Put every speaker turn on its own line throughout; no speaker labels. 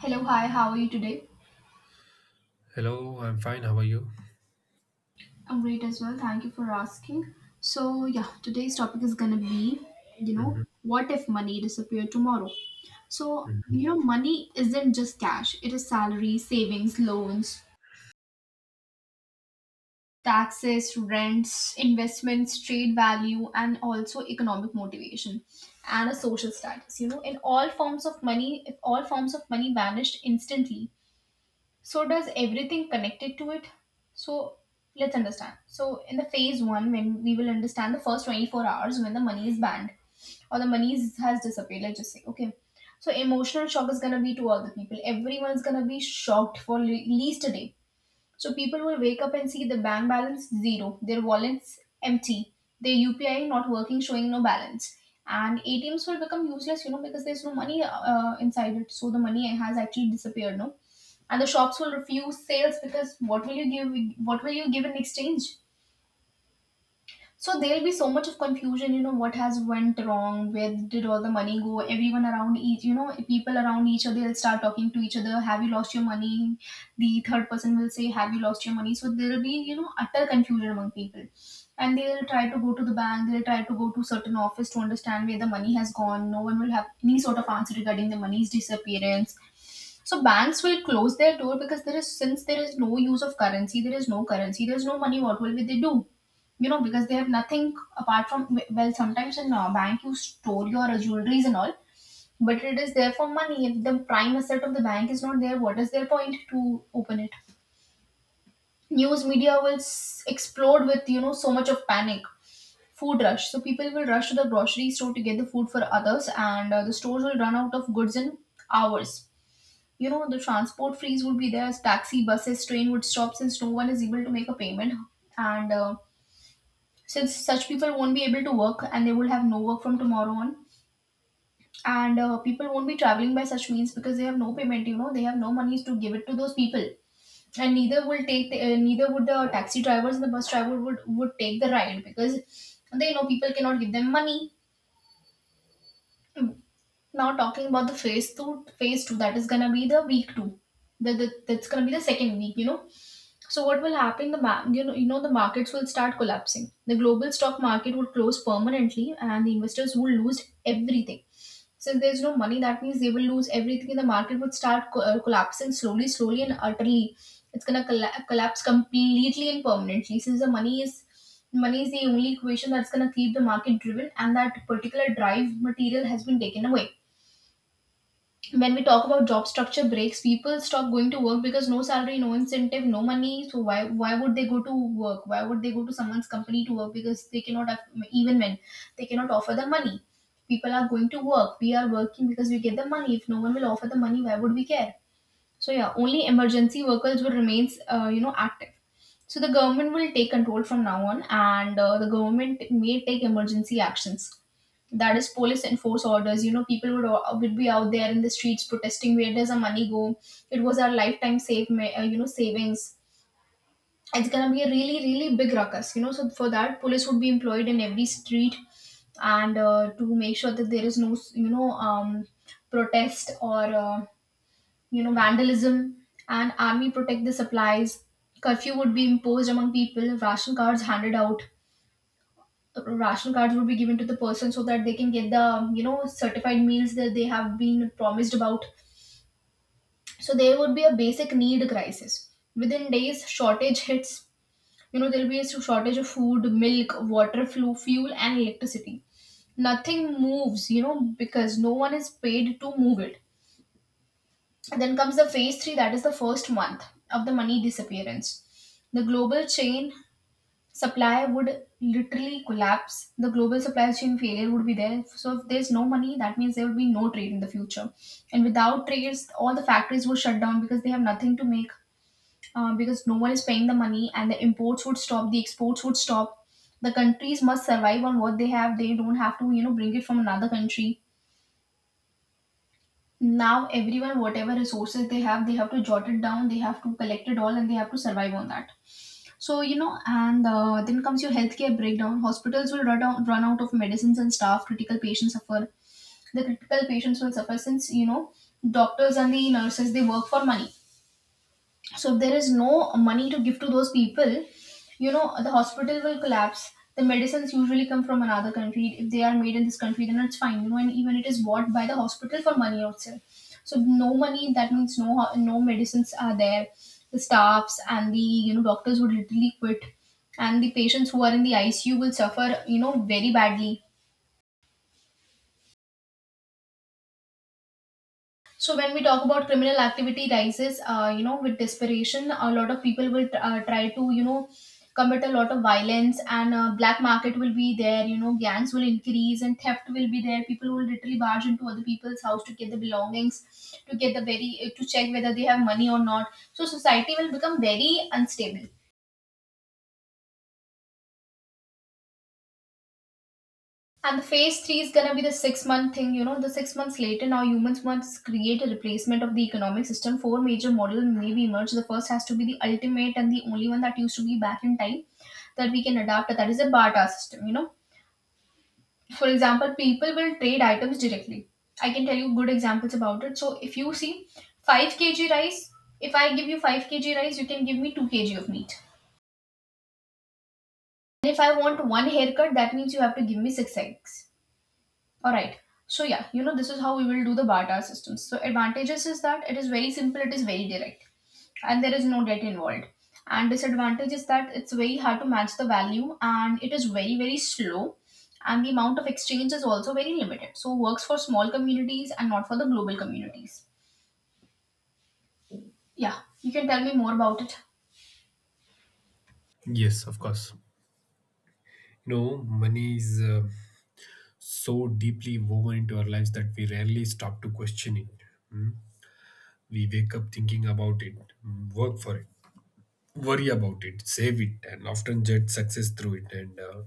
Hello, hi, how are you today?
Hello, I'm fine. How are you?
I'm great as well. Thank you for asking. So, yeah, today's topic is gonna be,
Mhm,
what if money disappeared tomorrow? So, money isn't just cash, it is salary, savings, loans, taxes, rents, investments, trade value, and also economic motivation and a social status. In all forms of money, if all forms of money vanished instantly, so does everything connected to it. So let's understand, in the phase one, when we will understand the first 24 hours when the money is banned, or the money is, has disappeared, let's just say, okay. So emotional shock is going to be to all the people. Everyone is going to be shocked for least a day. So people will wake up and see the bank balance zero, their wallets empty, their upi not working, showing no balance. And atms will become useless, you know, because there's no money inside it. So the money has actually disappeared, no? And the shops will refuse sales, because what will you give in exchange? So there'll be so much of confusion. What has went wrong? Where did all the money go? Everyone around each, people around each other will start talking to each other. Have you lost your money? The third person will say, have you lost your money? So there'll be, utter confusion among people. And they'll try to go to the bank, they'll try to go to certain office to understand where the money has gone. No one will have any sort of answer regarding the money's disappearance. So banks will close their door, because there is since there is no use of currency, there is no currency, there is no money. What will they do? You know, because they have nothing apart from, well, sometimes in a bank you store your jewelries and all, but it is there for money. If the prime asset of the bank is not there, what is their point to open it? News media will explode with, you know, so much of panic. Food rush. So people will rush to the grocery store to get the food for others, and the stores will run out of goods in hours. You know, the transport freeze would be there. Taxi, buses, train would stop since no one is able to make a payment. And since such people won't be able to work, and they will have no work from tomorrow on. And people won't be traveling by such means because they have no payment. You know, they have no monies to give it to those people. And neither will take the, neither would the taxi drivers and the bus driver would take the ride, because they know people cannot give them money. Hmm. Now talking about the phase two, that is gonna be the week two. That's gonna be the second week, you know. So what will happen? The ma- you know the markets will start collapsing. The global stock market will close permanently, and the investors will lose everything. Since there's no money, that means they will lose everything, and the market would start collapsing slowly, slowly, and utterly. It's gonna collapse completely and permanently. Since the money is the only equation that's gonna keep the market driven, and that particular drive material has been taken away. When we talk about job structure breaks, people stop going to work because no salary, no incentive, no money. So why would they go to work? Why would they go to someone's company to work? Because they cannot have, even when they cannot offer the money. People are going to work, we are working, because we get the money. If no one will offer the money, why would we care? So, yeah, only emergency workers will remains active. So the government will take control from now on, and the government may take emergency actions, that is, police enforce orders. You know, people would be out there in the streets protesting, where does our money go? It was our lifetime save ma- you know savings It's gonna be a really, really big ruckus, you know. So for that, police would be employed in every street, and to make sure that there is no, protest or you know, vandalism, and army protect the supplies. Curfew would be imposed among people, ration cards handed out. Ration cards would be given to the person so that they can get the, you know, certified meals that they have been promised about. So there would be a basic need crisis. Within days, shortage hits, you know. There'll be a shortage of food, milk, water, fuel and electricity. Nothing moves, you know, because no one is paid to move it. And then comes the phase 3, that is the first month of the money disappearance. The global chain supply would literally collapse. The global supply chain failure would be there. So if there's no money, that means there would be no trade in the future. And without trades, all the factories would shut down because they have nothing to make, because no one is paying the money, and the imports would stop, the exports would stop. The countries must survive on what they have. They don't have to, you know, bring it from another country. Now everyone, whatever resources they have to jot it down, they have to collect it all and they have to survive on that. So, you know, and then comes your healthcare breakdown. Hospitals will run out of medicines and staff. Critical patients suffer. The critical patients will suffer since, you know, doctors and the nurses, they work for money. So if there is no money to give to those people, you know, the hospital will collapse. The medicines usually come from another country. If they are made in this country, then it's fine, you know. And even it is bought by the hospital for money also. So no money, that means no no medicines are there. The staffs and the, you know, doctors would literally quit. And the patients who are in the icu will suffer, you know, very badly. So when we talk about criminal activity rises, with desperation, a lot of people will try to, you know, commit a lot of violence, and black market will be there. You know, gangs will increase, and theft will be there. People will literally barge into other people's house to get the belongings, to check whether they have money or not. So society will become very unstable. And the phase three is gonna be the 6-month thing, you know, the 6 months later. Now humans must create a replacement of the economic system. Four major models may be emerged. The first has to be the ultimate and the only one that used to be back in time that we can adapt. That is a barter system, you know. For example, people will trade items directly. I can tell you good examples about it. So if you see 5 kg rice, if I give you 5 kg rice, you can give me 2 kg of meat. And if I want one haircut, that means you have to give me 6 eggs. All right. So, yeah, you know, this is how we will do the barter systems. So advantages is that it is very simple, it is very direct, and there is no debt involved. And disadvantage is that it's very hard to match the value, and it is very, very slow, and the amount of exchange is also very limited. So works for small communities and not for the global communities. Yeah, you can tell me more about it.
mhm. Yes, of course. You know, money is so deeply woven into our lives that we rarely stop to question it. Mm. We wake up thinking about it, work for it, worry about it, save it, and often judge success through it. And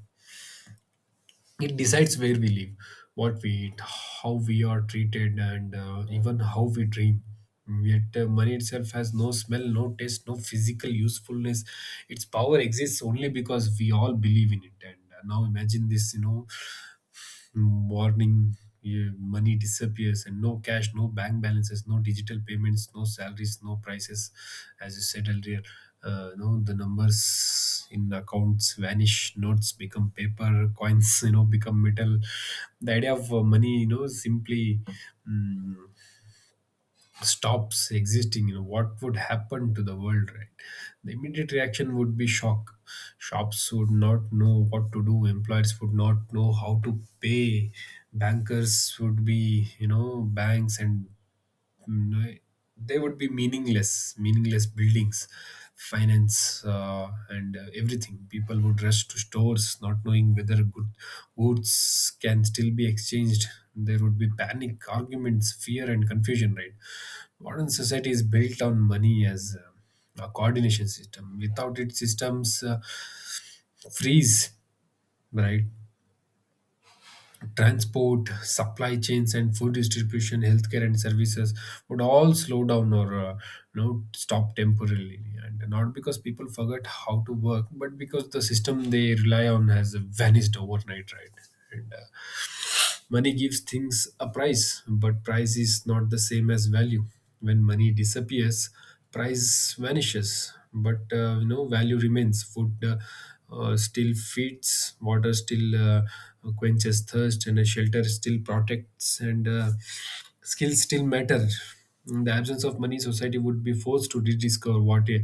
it decides where we live, what we eat, how we are treated, and even how we dream. Yet money itself has no smell, no taste, no physical usefulness. Its power exists only because we all believe in it. And now imagine this, you know, warning, yeah, money disappears, and no cash, no bank balances, no digital payments, no salaries, no prices, as you said earlier. You know, the numbers in accounts vanish, notes become paper, coins you know become metal. The idea of money, you know, simply, mm, stops existing. You know what would happen to the world, right? The immediate reaction would be shock. Shops would not know what to do, employers would not know how to pay. Bankers would be, you know, banks and, mm, they would be meaningless, meaningless buildings, finance, and everything. People would rush to stores not knowing whether goods can still be exchanged. There would be panic, arguments, fear, and confusion, right? Modern society is built on money as a coordination system. Without it, systems freeze, right? Transport, supply chains, and food distribution, healthcare, and services would all slow down or, you know, stop temporarily. And not because people forgot how to work, but because the system they rely on has vanished overnight, right? And money gives things a price, but price is not the same as value. When money disappears, price vanishes, but you know value remains. Food, still feeds, water still quenches thirst, and a shelter still protects, and skills still matter. In the absence of money, society would be forced to rediscover what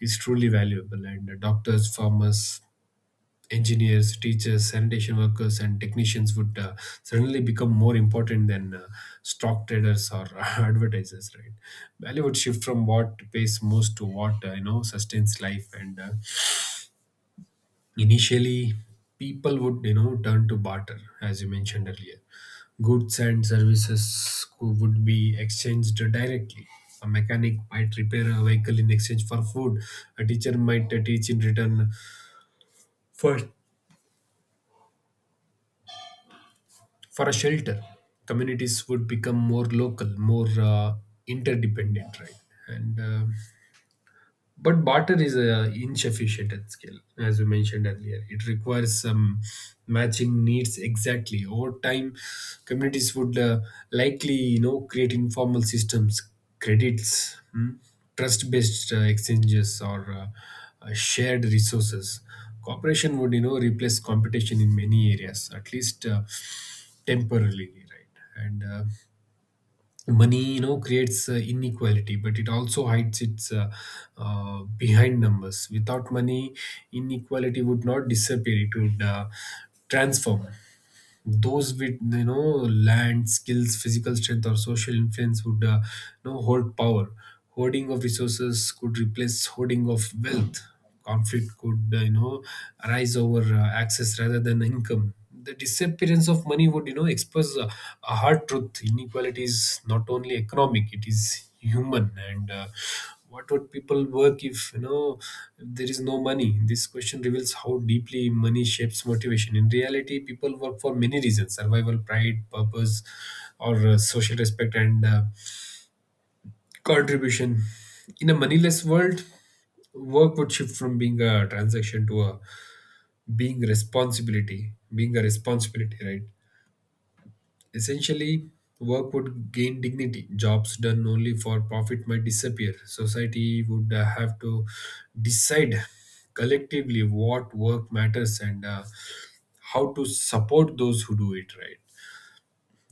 is truly valuable. And doctors, farmers, engineers, teachers, sanitation workers, and technicians would suddenly become more important than stock traders or advertisers, right? Value would shift from what pays most to what, you know, sustains life, and initially, people would, you know, turn to barter, as you mentioned earlier. Goods and services would be exchanged directly. A mechanic might repair a vehicle in exchange for food. A teacher might teach in return for a shelter. Communities would become more local, more interdependent, right? and But barter is a insufficient at scale, as we mentioned earlier. It requires some matching needs exactly. Over time, communities would, likely, you know, create informal systems, credits, hmm, trust-based exchanges, or shared resources. Cooperation would, you know, replace competition in many areas, at least temporarily, right? And money, you know, creates inequality, but it also hides its, behind numbers. Without money, inequality would not disappear, it would transform. Those with, you know, land, skills, physical strength, or social influence would, you know, hold power. Hoarding of resources could replace hoarding of wealth. Conflict could, you know, arise over access rather than income. The disappearance of money would, you know, expose a hard truth: inequality is not only economic, it is human. And what would people work if, you know, if there is no money? This question reveals how deeply money shapes motivation. In reality, people work for many reasons: survival, pride, purpose, or social respect, and contribution. In a moneyless world, work would shift from being a transaction to a being a responsibility, right? Essentially, work would gain dignity. Jobs done only for profit might disappear. Society would have to decide collectively what work matters, and how to support those who do it, right.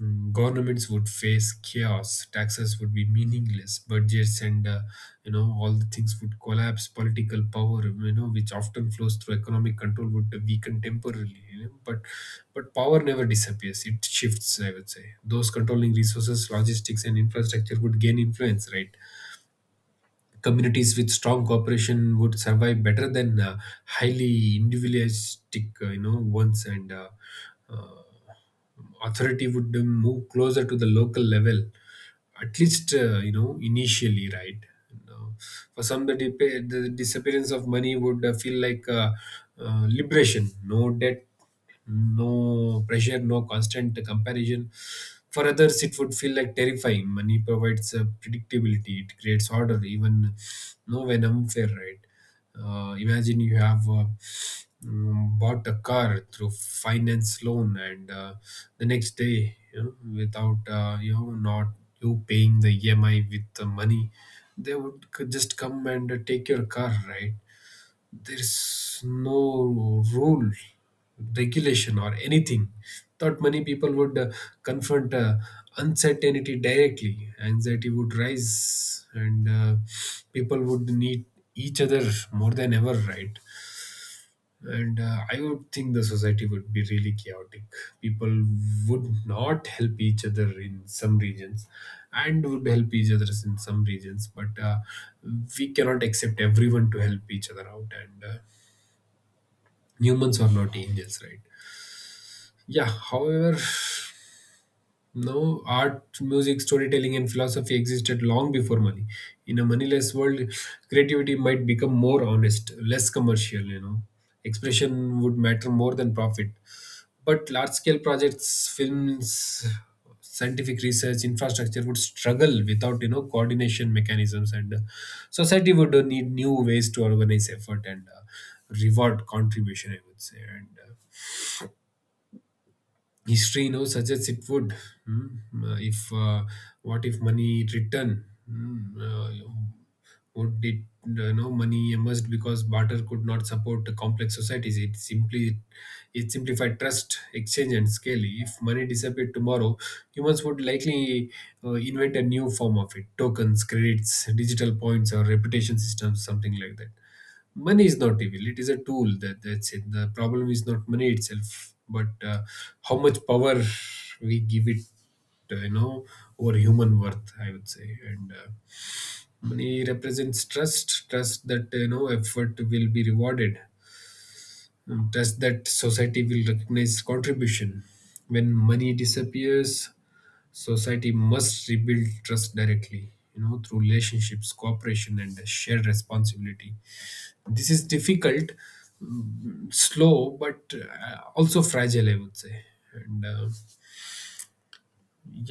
Governments would face chaos, taxes would be meaningless, budgets and, you know, all the things would collapse. Political power, you know, which often flows through economic control, would weaken temporarily, you know. But power never disappears; it shifts. I would say those controlling resources, logistics, and infrastructure would gain influence, right? Communities with strong cooperation would survive better than highly individualistic, you know, ones, and uh, authority would move closer to the local level, at least, you know, initially, right? You know, for some the disappearance of money would feel like liberation: no debt, no pressure, no constant comparison. For others, it would feel like terrifying. Money provides predictability, it creates order, even no when unfair, right? Imagine you have, bought a car through finance loan, and the next day, you know, without, you know, not you paying the EMI with the money, they would just come and take your car, right? There's no rule, regulation, or anything. Thought many people would confront uncertainty directly. Anxiety would rise, and people would need each other more than ever, right? And I would think the society would be really chaotic. People would not help each other in some regions, and would help each other in some regions, but we cannot accept everyone to help each other out, and humans are not angels, right? Yeah, however, now art, music, storytelling, and philosophy existed long before money. In a moneyless world, creativity might become more honest, less commercial, you know, expression would matter more than profit. But large scale projects, films, scientific research, infrastructure would struggle without, you know, coordination mechanisms, and society would need new ways to organize effort and reward contribution, I would say. And history now suggests it would. Hmm. If What if money return? Hmm. Would it, you know, money emerged because barter could not support the complex societies, it simply it simplified trust, exchange, and scale. If money disappeared tomorrow, humans would likely invent a new form of it: tokens, credits, digital points, or reputation systems, something like that. Money is not evil, it is a tool, that's it. The problem is not money itself, but, how much power we give it you know over human worth, I would say. And money represents trust, trust that, you know, effort will be rewarded, trust that society will recognize contribution. When money disappears, society must rebuild trust directly, you know, through relationships, cooperation, and shared responsibility. This is difficult, slow, but also fragile, I would say. And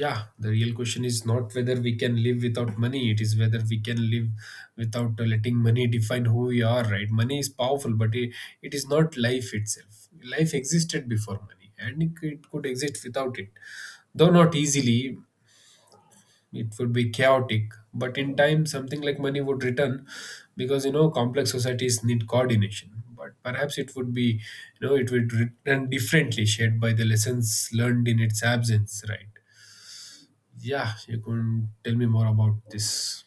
Yeah, the real question is not whether we can live without money, it is whether we can live without letting money define who we are, right? Money is powerful, but it is not life itself. Life existed before money, and it could exist without it, though not easily. It would be chaotic, but in time something like money would return, because, you know, complex societies need coordination. But perhaps it would be, you know, it would return differently, shaped by the lessons learned in its absence, right? Yeah, you can tell me more about this.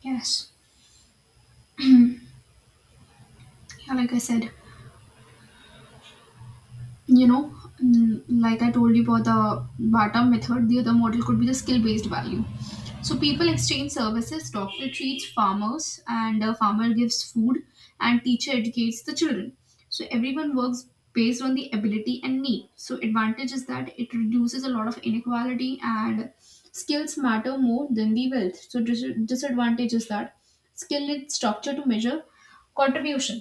Yes. Yeah, like I said. You know, like I told you about the bata method, the other model could be the skill based value. So people exchange services. Doctor treats farmers, and a farmer gives food, and teacher educates the children. So everyone works based on the ability and need. So advantage is that it reduces a lot of inequality, and skills matter more than the wealth. So disadvantage is that skill is structure to measure contribution.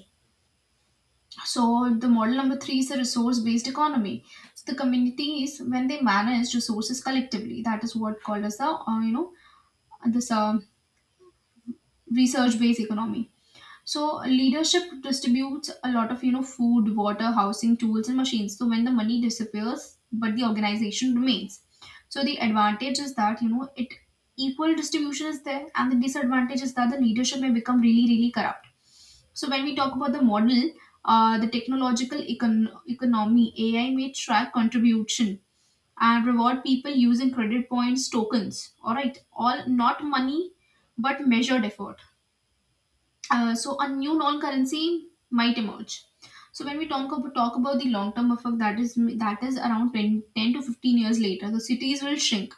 So the model number three is a resource-based economy. So the communities, when they manage resources collectively, that is what called as the, this research-based economy. So leadership distributes a lot of, you know, food, water, housing, tools, and machines. So when the money disappears, but the organization remains. So the advantage is that you know it equal distribution is there, and the disadvantage is that the leadership may become really corrupt. So when we talk about the model, the economy, AI may track contribution and reward people using credit points tokens. All right, all not money, but measured effort. So a new non-currency might emerge. So when we talk about the long-term effect, that is around ten to fifteen years later, the cities will shrink.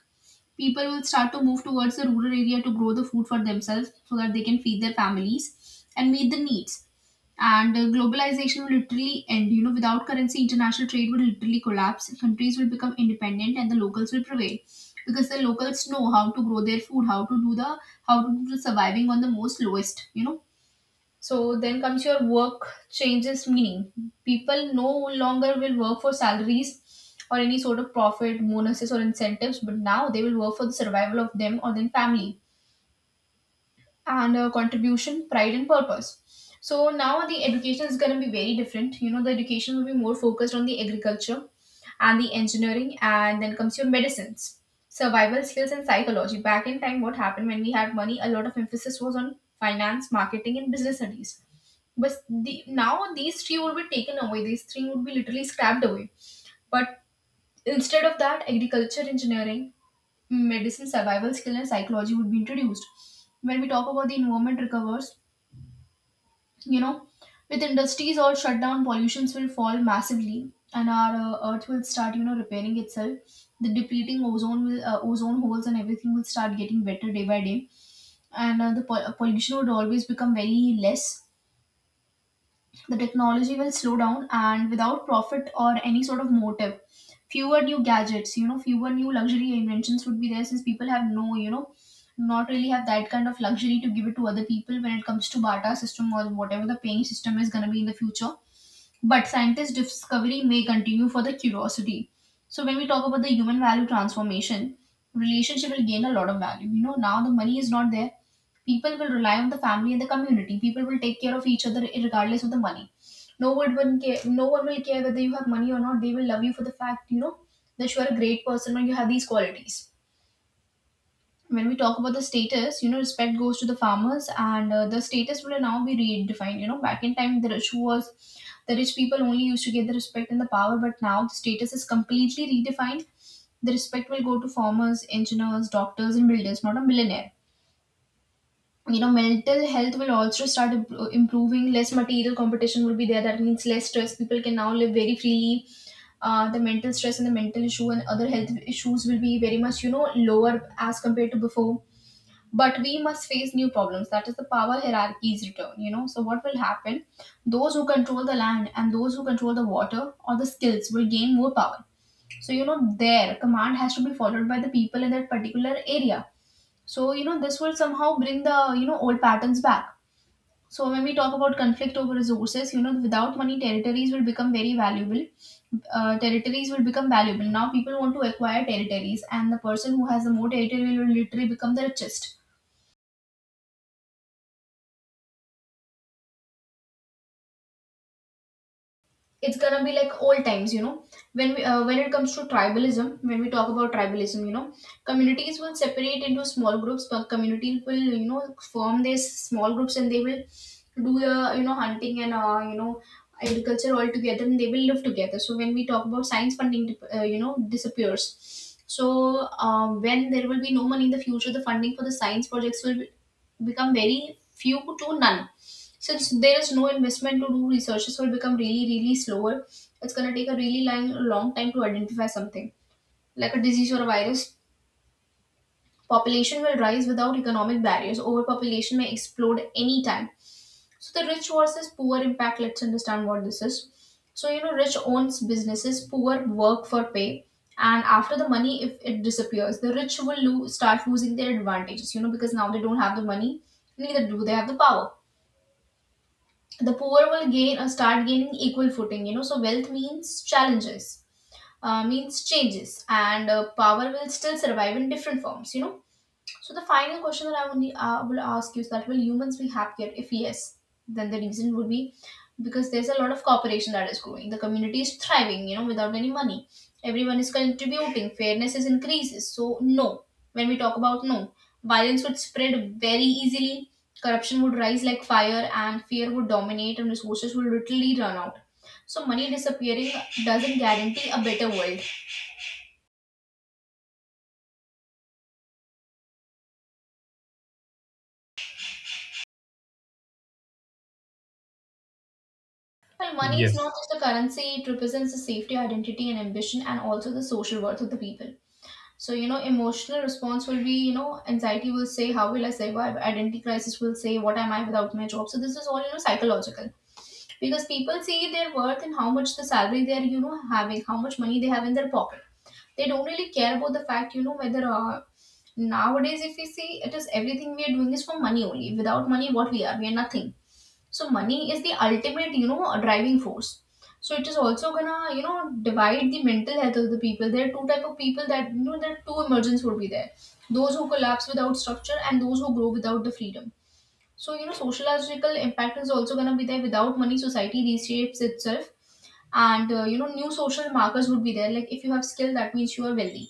People will start to move towards the rural area to grow the food for themselves so that they can feed their families and meet the needs. And globalization will literally end. You know, without currency, international trade will literally collapse, countries will become independent and the locals will prevail, because the locals know how to grow their food, how to do the surviving on the most lowest, you know. So then comes your work changes meaning. People no longer will work for salaries or any sort of profit, bonuses, or incentives, but now they will work for the survival of them or their family, and contribution, pride, and purpose. So now the education is going to be very different. You know, the education will be more focused on the agriculture and the engineering, and then comes your medicines, survival skills, and psychology. Back in time, what happened when we had money, a lot of emphasis was on finance, marketing, and business studies. But the, now these three would be taken away, these three would be literally scrapped away. But instead of that, agriculture, engineering, medicine, survival skill, and psychology would be introduced. When we talk about the environment recovers, you know, with industries all shut down, pollutions will fall massively, and our Earth will start, you know, repairing itself. The depleting ozone will, ozone holes, and everything will start getting better day by day, and the pollution would always become very less. The technology will slow down, and without profit or any sort of motive, fewer new gadgets, you know, fewer new luxury inventions would be there, since people have no, you know, not really have that kind of luxury to give it to other people when it comes to barter system or whatever the paying system is going to be in the future. But scientist discovery may continue for the curiosity. So when we talk about the human value transformation, relationship will gain a lot of value. You know, now the money is not there. People will rely on the family and the community. People will take care of each other regardless of the money. No one will care. No one will care whether you have money or not. They will love you for the fact, you know, that you are a great person or you have these qualities. When we talk about the status, you know, respect goes to the farmers, and the status will now be redefined. You know, back in time, the rich was the rich people only used to get the respect and the power, but now the status is completely redefined. The respect will go to farmers, engineers, doctors, and builders, not a millionaire. You know, mental health will also start improving. Less material competition will be there. That means less stress. People can now live very freely. The mental stress and the mental issue and other health issues will be very much, you know, lower as compared to before. But we must face new problems, that is the power hierarchy's return. You know, so what will happen, those who control the land and those who control the water or the skills will gain more power. So, you know, their command has to be followed by the people in that particular area. So, you know, this will somehow bring the, you know, old patterns back. So when we talk about conflict over resources, you know, without money territories will become very valuable. Territories will become valuable. Now people want to acquire territories, and the person who has the more territory will literally become the richest. It's gonna be like old times, you know. When we, when it comes to tribalism, when we talk about tribalism, you know, communities will separate into small groups, but communities will, you know, form these small groups, and they will do you know, hunting and you know, agriculture all together, and they will live together. So when we talk about science you know, disappears, so when there will be no money in the future, the funding for the science projects will become very few to none. Since there is no investment to do, researches will become really, really slower. It's going to take a really long, long time to identify something like a disease or a virus. Population will rise without economic barriers. Overpopulation may explode anytime. So the rich versus poor impact. Let's understand what this is. So, you know, rich owns businesses, poor work for pay, and after the money, if it disappears, the rich will lose, start losing their advantages. You know, because now they don't have the money, neither do they have the power. The poor will gain or start gaining equal footing, you know. So wealth means challenges, means changes, and power will still survive in different forms, you know. So the final question that I only will ask you is that will humans be happier? If yes, then the reason would be because there's a lot of cooperation that is growing. The community is thriving, you know, without any money. Everyone is contributing. Fairness is increases. So no, when we talk about no, violence would spread very easily. Corruption would rise like fire, and fear would dominate, and resources would literally run out. So money disappearing doesn't guarantee a better world. Well, money is
Yes,
not just a currency, it represents the safety, identity, and ambition, and also the social worth of the people. So, you know, emotional response will be, you know, anxiety will say, how will I survive? Identity crisis will say, what am I without my job? So this is all, you know, psychological, because people see their worth in how much the salary they're, you know, having, how much money they have in their pocket. They don't really care about the fact, you know, whether nowadays, if we see, it is everything we are doing is for money only. Without money, what we are nothing. So money is the ultimate, you know, driving force. So it is also gonna, you know, divide the mental health of the people. There are two type of people that, you know, there are two emergents would be there, those who collapse without structure and those who grow without the freedom. So, you know, sociological impact is also gonna be there. Without money, society reshapes itself, and you know, new social markers would be there, like if you have skill that means you are wealthy,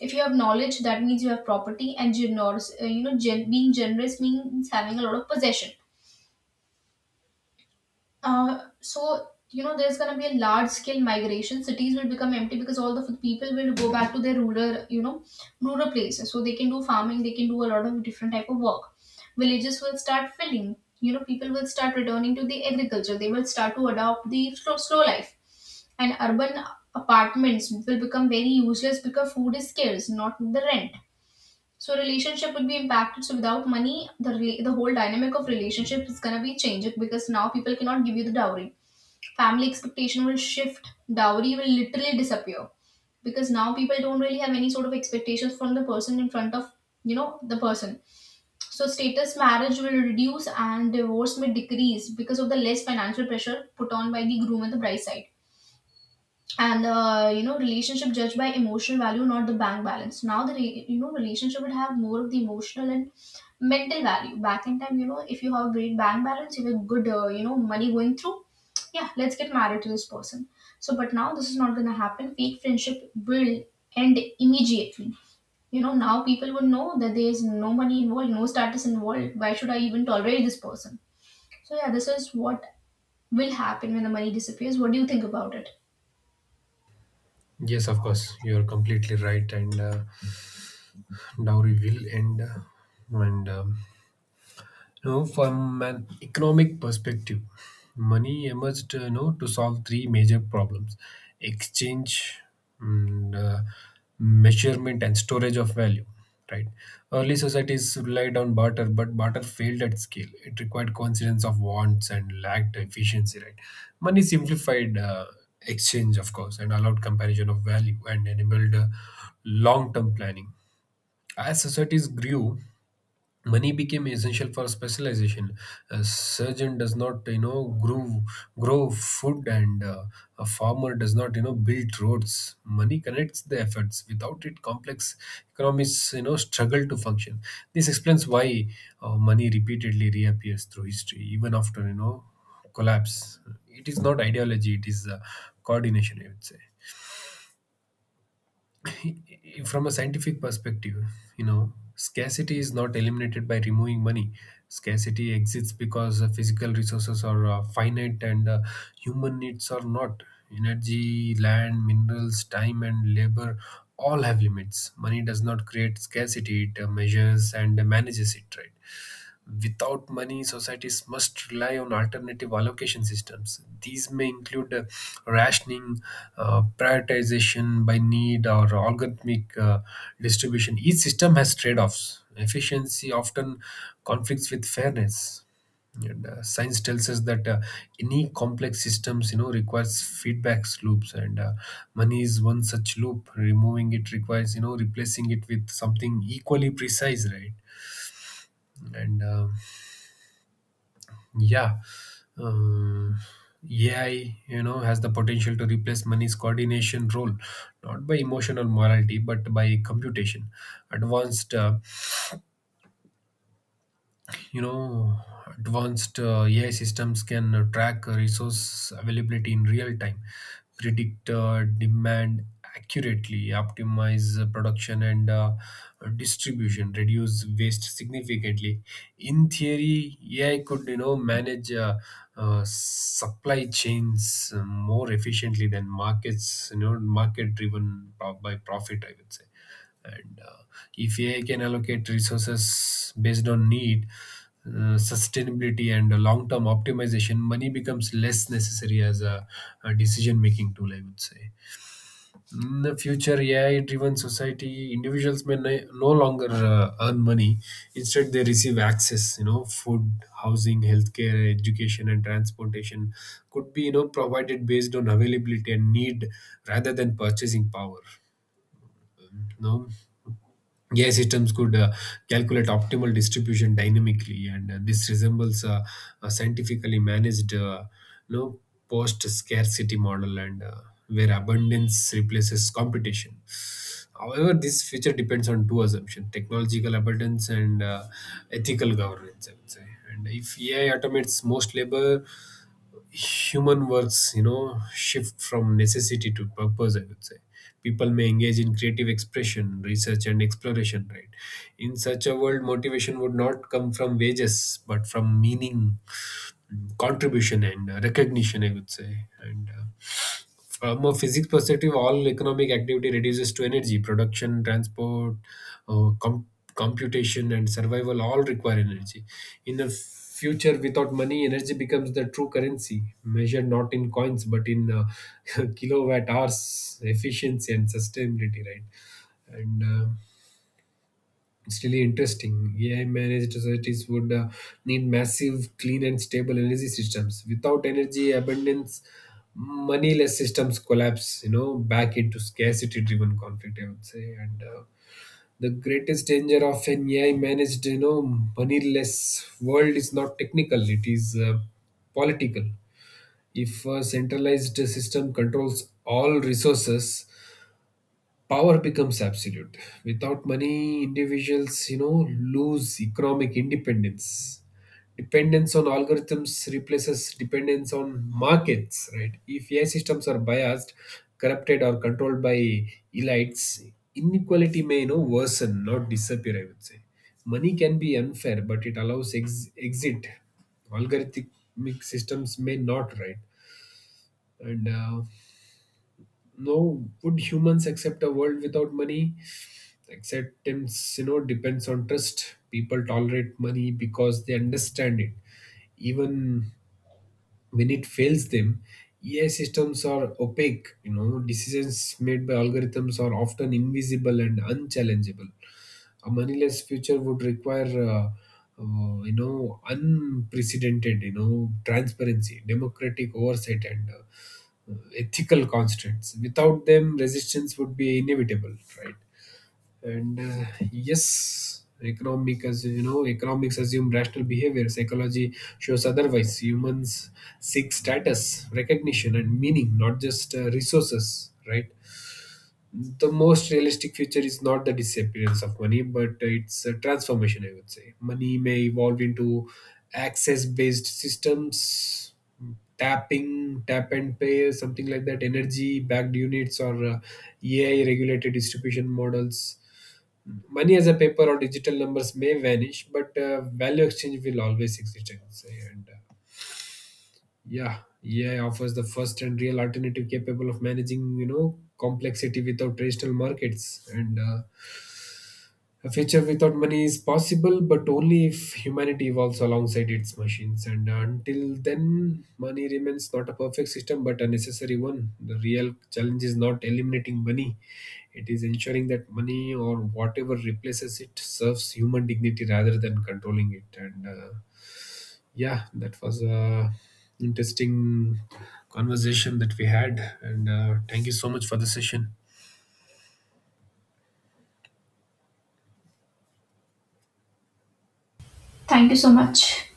if you have knowledge that means you have property, and generous, being generous means having a lot of possession. So you know there's going to be a large scale migration. Cities will become empty because all the people will go back to their rural, you know, rural places so they can do farming, they can do a lot of different type of work. Villages will start filling, you know, people will start returning to the agriculture, they will start to adopt the slow, slow life, and urban apartments will become very useless because food is scarce, not the rent. So relationship would be impacted. So without money, the the whole dynamic of relationship is gonna be changed, because now people cannot give you the dowry. Family expectation will shift. Dowry will literally disappear, because now people don't really have any sort of expectations from the person in front of, you know, the person. So status marriage will reduce, and divorce may decrease because of the less financial pressure put on by the groom and the bride side, and you know, relationship judged by emotional value, not the bank balance. Now the you know, relationship would have more of the emotional and mental value. Back in time, you know, if you have a great bank balance, you have good, you know, money going through, yeah, let's get married to this person. So but now this is not going to happen. Fake friendship will end immediately. You know, now people would know that there is no money involved, no status involved, why should I even tolerate this person? So yeah, this is what will happen when the money disappears. What do you think about it?
yes, of course, you're completely right. And dowry will end, and you know, from an economic perspective, money emerged, you know, to solve three major problems: exchange, and, measurement, and storage of value. Right. Early societies relied on barter, but barter failed at scale. It required coincidence of wants and lacked efficiency. Right. Money simplified exchange, of course, and allowed comparison of value and enabled long-term planning. As societies grew, money became essential for specialization. A surgeon does not, you know, grow food, and a farmer does not, you know, build roads. Money connects the efforts. Without it, complex economies, you know, struggle to function. This explains why money repeatedly reappears through history, even after, you know, collapse. It is not ideology, it is coordination, I would say. From a scientific perspective, you know, scarcity is not eliminated by removing money. Scarcity exists because physical resources are finite, and human needs are not. Energy, land, minerals, time, and labor all have limits. Money does not create scarcity, it measures and manages it, right? Without money, societies must rely on alternative allocation systems. These may include rationing, prioritization by need, or algorithmic distribution. Each system has trade offs. Efficiency often conflicts with fairness. And, science tells us that any complex systems, you know, requires feedback loops, and money is one such loop. Removing it requires, you know, replacing it with something equally precise, right? And Yeah, um, AI, you know, has the potential to replace money's coordination role, not by emotional morality, but by computation. Advanced you know ai systems can track resource availability in real time, predict demand accurately, optimize production and distribution, reduce waste significantly, in theory. AI could, you know, manage supply chains more efficiently than markets, you know, market driven by profit, I would say. And If AI can allocate resources based on need, sustainability, and long term optimization, money becomes less necessary as a decision making tool, I would say. In the future AI driven society, individuals no longer earn money. Instead, they receive access, you know, food, housing, healthcare, education, and transportation could be, you know, provided based on availability and need rather than purchasing power. Um, you know, AI systems could calculate optimal distribution dynamically, and this resembles a scientifically managed, you post-scarcity model, and where abundance replaces competition. However, this feature depends on two assumptions: technological abundance and ethical governance, I would say. And if AI automates most labor, human works, you know, shift from necessity to purpose, I would say. People may engage in creative expression, research and exploration, right? In such a world, motivation would not come from wages but from meaning, contribution, and recognition, I would say. And From a physics perspective, all economic activity reduces to energy. Production, transport, uh, com- computation, and survival all require energy. In the future, without money, energy becomes the true currency, measured not in coins but in kilowatt hours, efficiency and sustainability, right? And It's really interesting. AI managed societies would need massive, clean, and stable energy systems. Without energy abundance, moneyless systems collapse, you know, back into scarcity driven conflict, I would say. And The greatest danger of an AI managed, you know, moneyless world is not technical, it is political. If a centralized system controls all resources, power becomes absolute. Without money, individuals, you know, lose economic independence. Dependence on algorithms replaces dependence on markets, right? If AI systems are biased, corrupted or controlled by elites, inequality may, you know, worsen, not disappear, I would say. Money can be unfair, but it allows exit. Algorithmic systems may not, right? and No, would humans accept a world without money? Acceptance, you know, depends on trust. People tolerate money because they understand it, even when it fails them. AI systems are opaque, you know, decisions made by algorithms are often invisible and unchallengeable. A moneyless future would require, you know, unprecedented, you know, transparency, democratic oversight, and ethical constraints. Without them, resistance would be inevitable, right? And Yes, economic as you know, economics assume rational behavior. Psychology shows otherwise. Humans seek status, recognition, and meaning, not just resources, right? The most realistic future is not the disappearance of money, but it's a transformation, I would say. Money may evolve into access based systems, tap and pay, something like that, energy backed units, or AI regulated distribution models. Money as a paper or digital numbers may vanish, but value exchange will always exist, I would say. And Yeah, EI offers the first and real alternative capable of managing, you know, complexity without traditional markets. And A future without money is possible, but only if humanity evolves alongside its machines. And Until then, money remains not a perfect system, but a necessary one. The real challenge is not eliminating money; it is ensuring that money or whatever replaces it serves human dignity rather than controlling it. And Yeah, that was a interesting conversation that we had, and thank you so much for the session.
Thank you so much.